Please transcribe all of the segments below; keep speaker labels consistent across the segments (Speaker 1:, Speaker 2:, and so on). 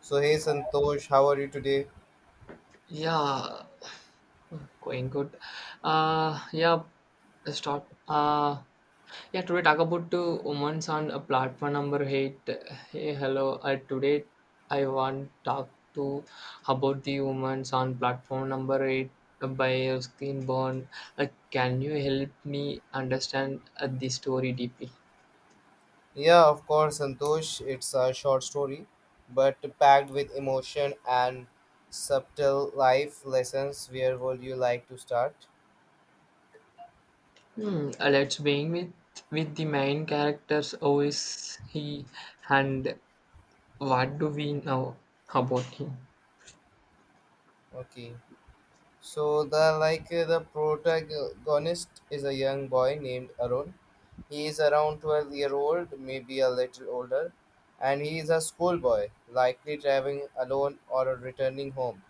Speaker 1: So, hey Santosh, how are you today?
Speaker 2: Yeah, oh, going good. Uh, yeah, let's start. Yeah, today talk about the women's on platform number eight. Hey, hello. Today I want talk to about the women's on platform number eight by Screen Born. Can you help me understand the story deeply?
Speaker 1: Yeah, of course, Santosh. It's a short story, but packed with emotion and subtle life lessons. Where would you like to start?
Speaker 2: Let's begin with the main characters. Who is he, and what do we know about him?
Speaker 1: Okay. So the protagonist is a young boy named Arun. He is around 12-year-old, maybe a little older, and he is a schoolboy, likely traveling alone or returning home.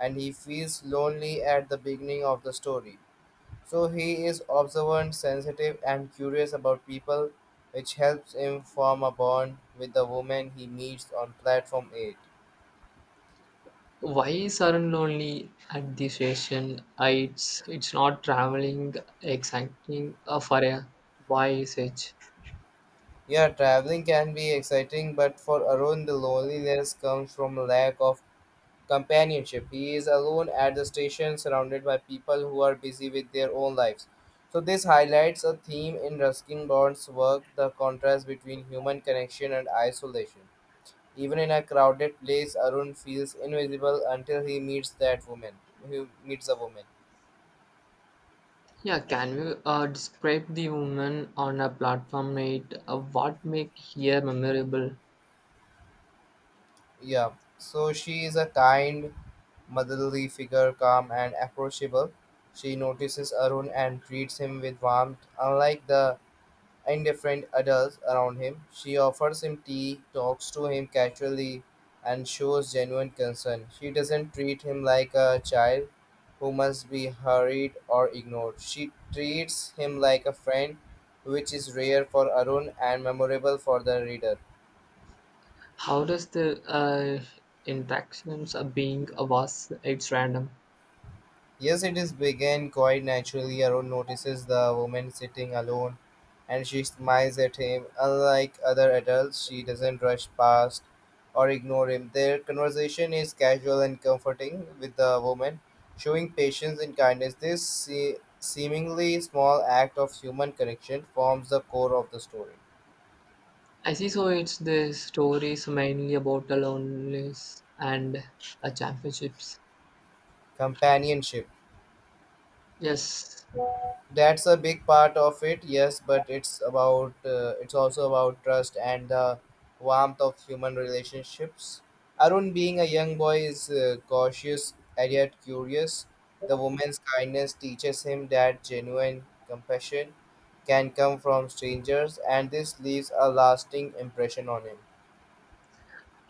Speaker 1: And he feels lonely at the beginning of the story. So he is observant, sensitive, and curious about people, which helps him form a bond with the woman he meets on platform 8.
Speaker 2: Why sudden lonely at the station? It's not traveling exciting for a why such?
Speaker 1: Yeah, traveling can be exciting, but for Arun, the loneliness comes from a lack of companionship. He is alone at the station, surrounded by people who are busy with their own lives. So, this highlights a theme in Ruskin Bond's work, the contrast between human connection and isolation. Even in a crowded place, Arun feels invisible until he meets that woman. He meets a woman.
Speaker 2: Yeah, can you describe the woman on a platform eight? What make here memorable?
Speaker 1: Yeah. So she is a kind, motherly figure, calm and approachable. She notices Arun and treats him with warmth, unlike the indifferent adults around him. She offers him tea, talks to him casually, and shows genuine concern. She doesn't treat him like a child who must be hurried or ignored. She treats him like a friend, which is rare for Arun and memorable for the reader.
Speaker 2: How does the interactions of being a was? It's random.
Speaker 1: Yes, it is began quite naturally. Arun notices the woman sitting alone and she smiles at him. Unlike other adults, she doesn't rush past or ignore him. Their conversation is casual and comforting with the woman, showing patience and kindness. This seemingly small act of human connection forms the core of the story.
Speaker 2: I see. So it's the stories mainly about the loneliness and championships.
Speaker 1: Companionship.
Speaker 2: Yes.
Speaker 1: That's a big part of it, yes, but it's about, it's also about trust and the warmth of human relationships. Arun, being a young boy, is cautious and yet curious. The woman's kindness teaches him that genuine compassion can come from strangers, and this leaves a lasting impression on him.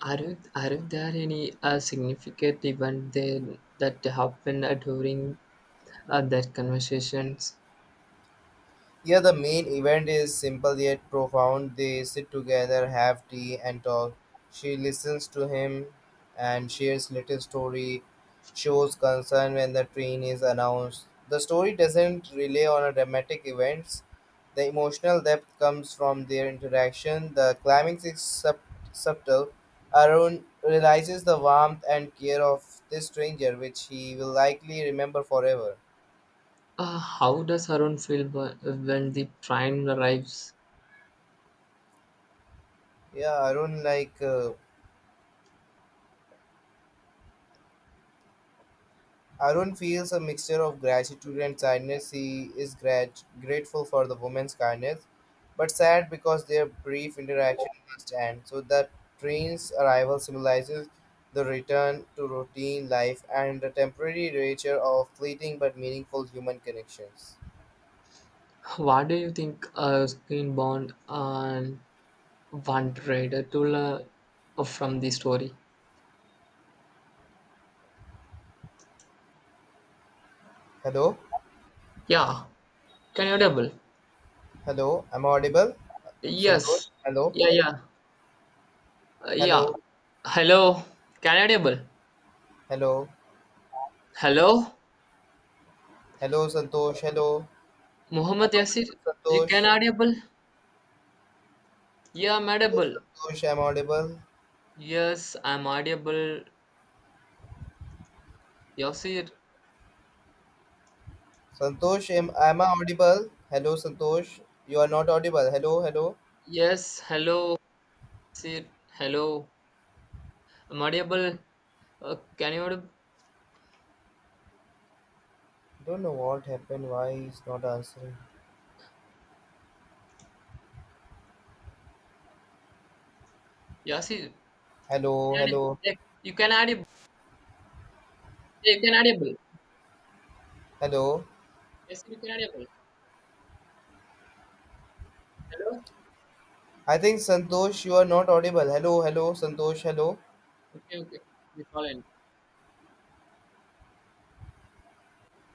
Speaker 2: Aren't there any significant event there that happened during that conversations?
Speaker 1: Yeah, the main event is simple yet profound. They sit together, have tea, and talk. She listens to him and shares little story, shows concern when the train is announced. The story doesn't rely on a dramatic events. The emotional depth comes from their interaction. The climax is subtle. Arun realizes the warmth and care of this stranger, which he will likely remember forever.
Speaker 2: How does Arun feel when the train arrives?
Speaker 1: Yeah, Arun, like. Arun feels a mixture of gratitude and sadness. He is grateful for the woman's kindness, but sad because their brief interaction must end. So the train's arrival symbolizes the return to routine life and the temporary nature of fleeting but meaningful human connections.
Speaker 2: What do you think Screenbound and one trader to learn from the story?
Speaker 1: Hello,
Speaker 2: Yeah, can you double?
Speaker 1: hello, am I audible? Santosh,
Speaker 2: Yes.
Speaker 1: hello,
Speaker 2: Yeah, yeah, yeah.
Speaker 1: hello,
Speaker 2: Hello, can you double?
Speaker 1: hello,
Speaker 2: Hello,
Speaker 1: hello, Santosh, hello, am
Speaker 2: Muhammad
Speaker 1: I
Speaker 2: Yasir,
Speaker 1: audible?
Speaker 2: you can
Speaker 1: Santosh,
Speaker 2: audible? Yeah, I'm
Speaker 1: hello,
Speaker 2: audible.
Speaker 1: Santosh, am I audible?
Speaker 2: Yes, I'm audible. Yasir.
Speaker 1: Santosh, am I audible? Hello, Santosh. You are not audible. Hello, hello.
Speaker 2: Yes, hello. Yasir, hello. I'm audible. Can you audible?
Speaker 1: Don't know what happened. Why he's not answering?
Speaker 2: Yasir, can
Speaker 1: Hello,
Speaker 2: you
Speaker 1: hello,
Speaker 2: add- you can audible. Yeah, you can audible.
Speaker 1: hello.
Speaker 2: Yasir, you can audible. Hello.
Speaker 1: I think Santosh, you are not audible. Hello, hello, Santosh. Hello.
Speaker 2: Okay, okay. We call in.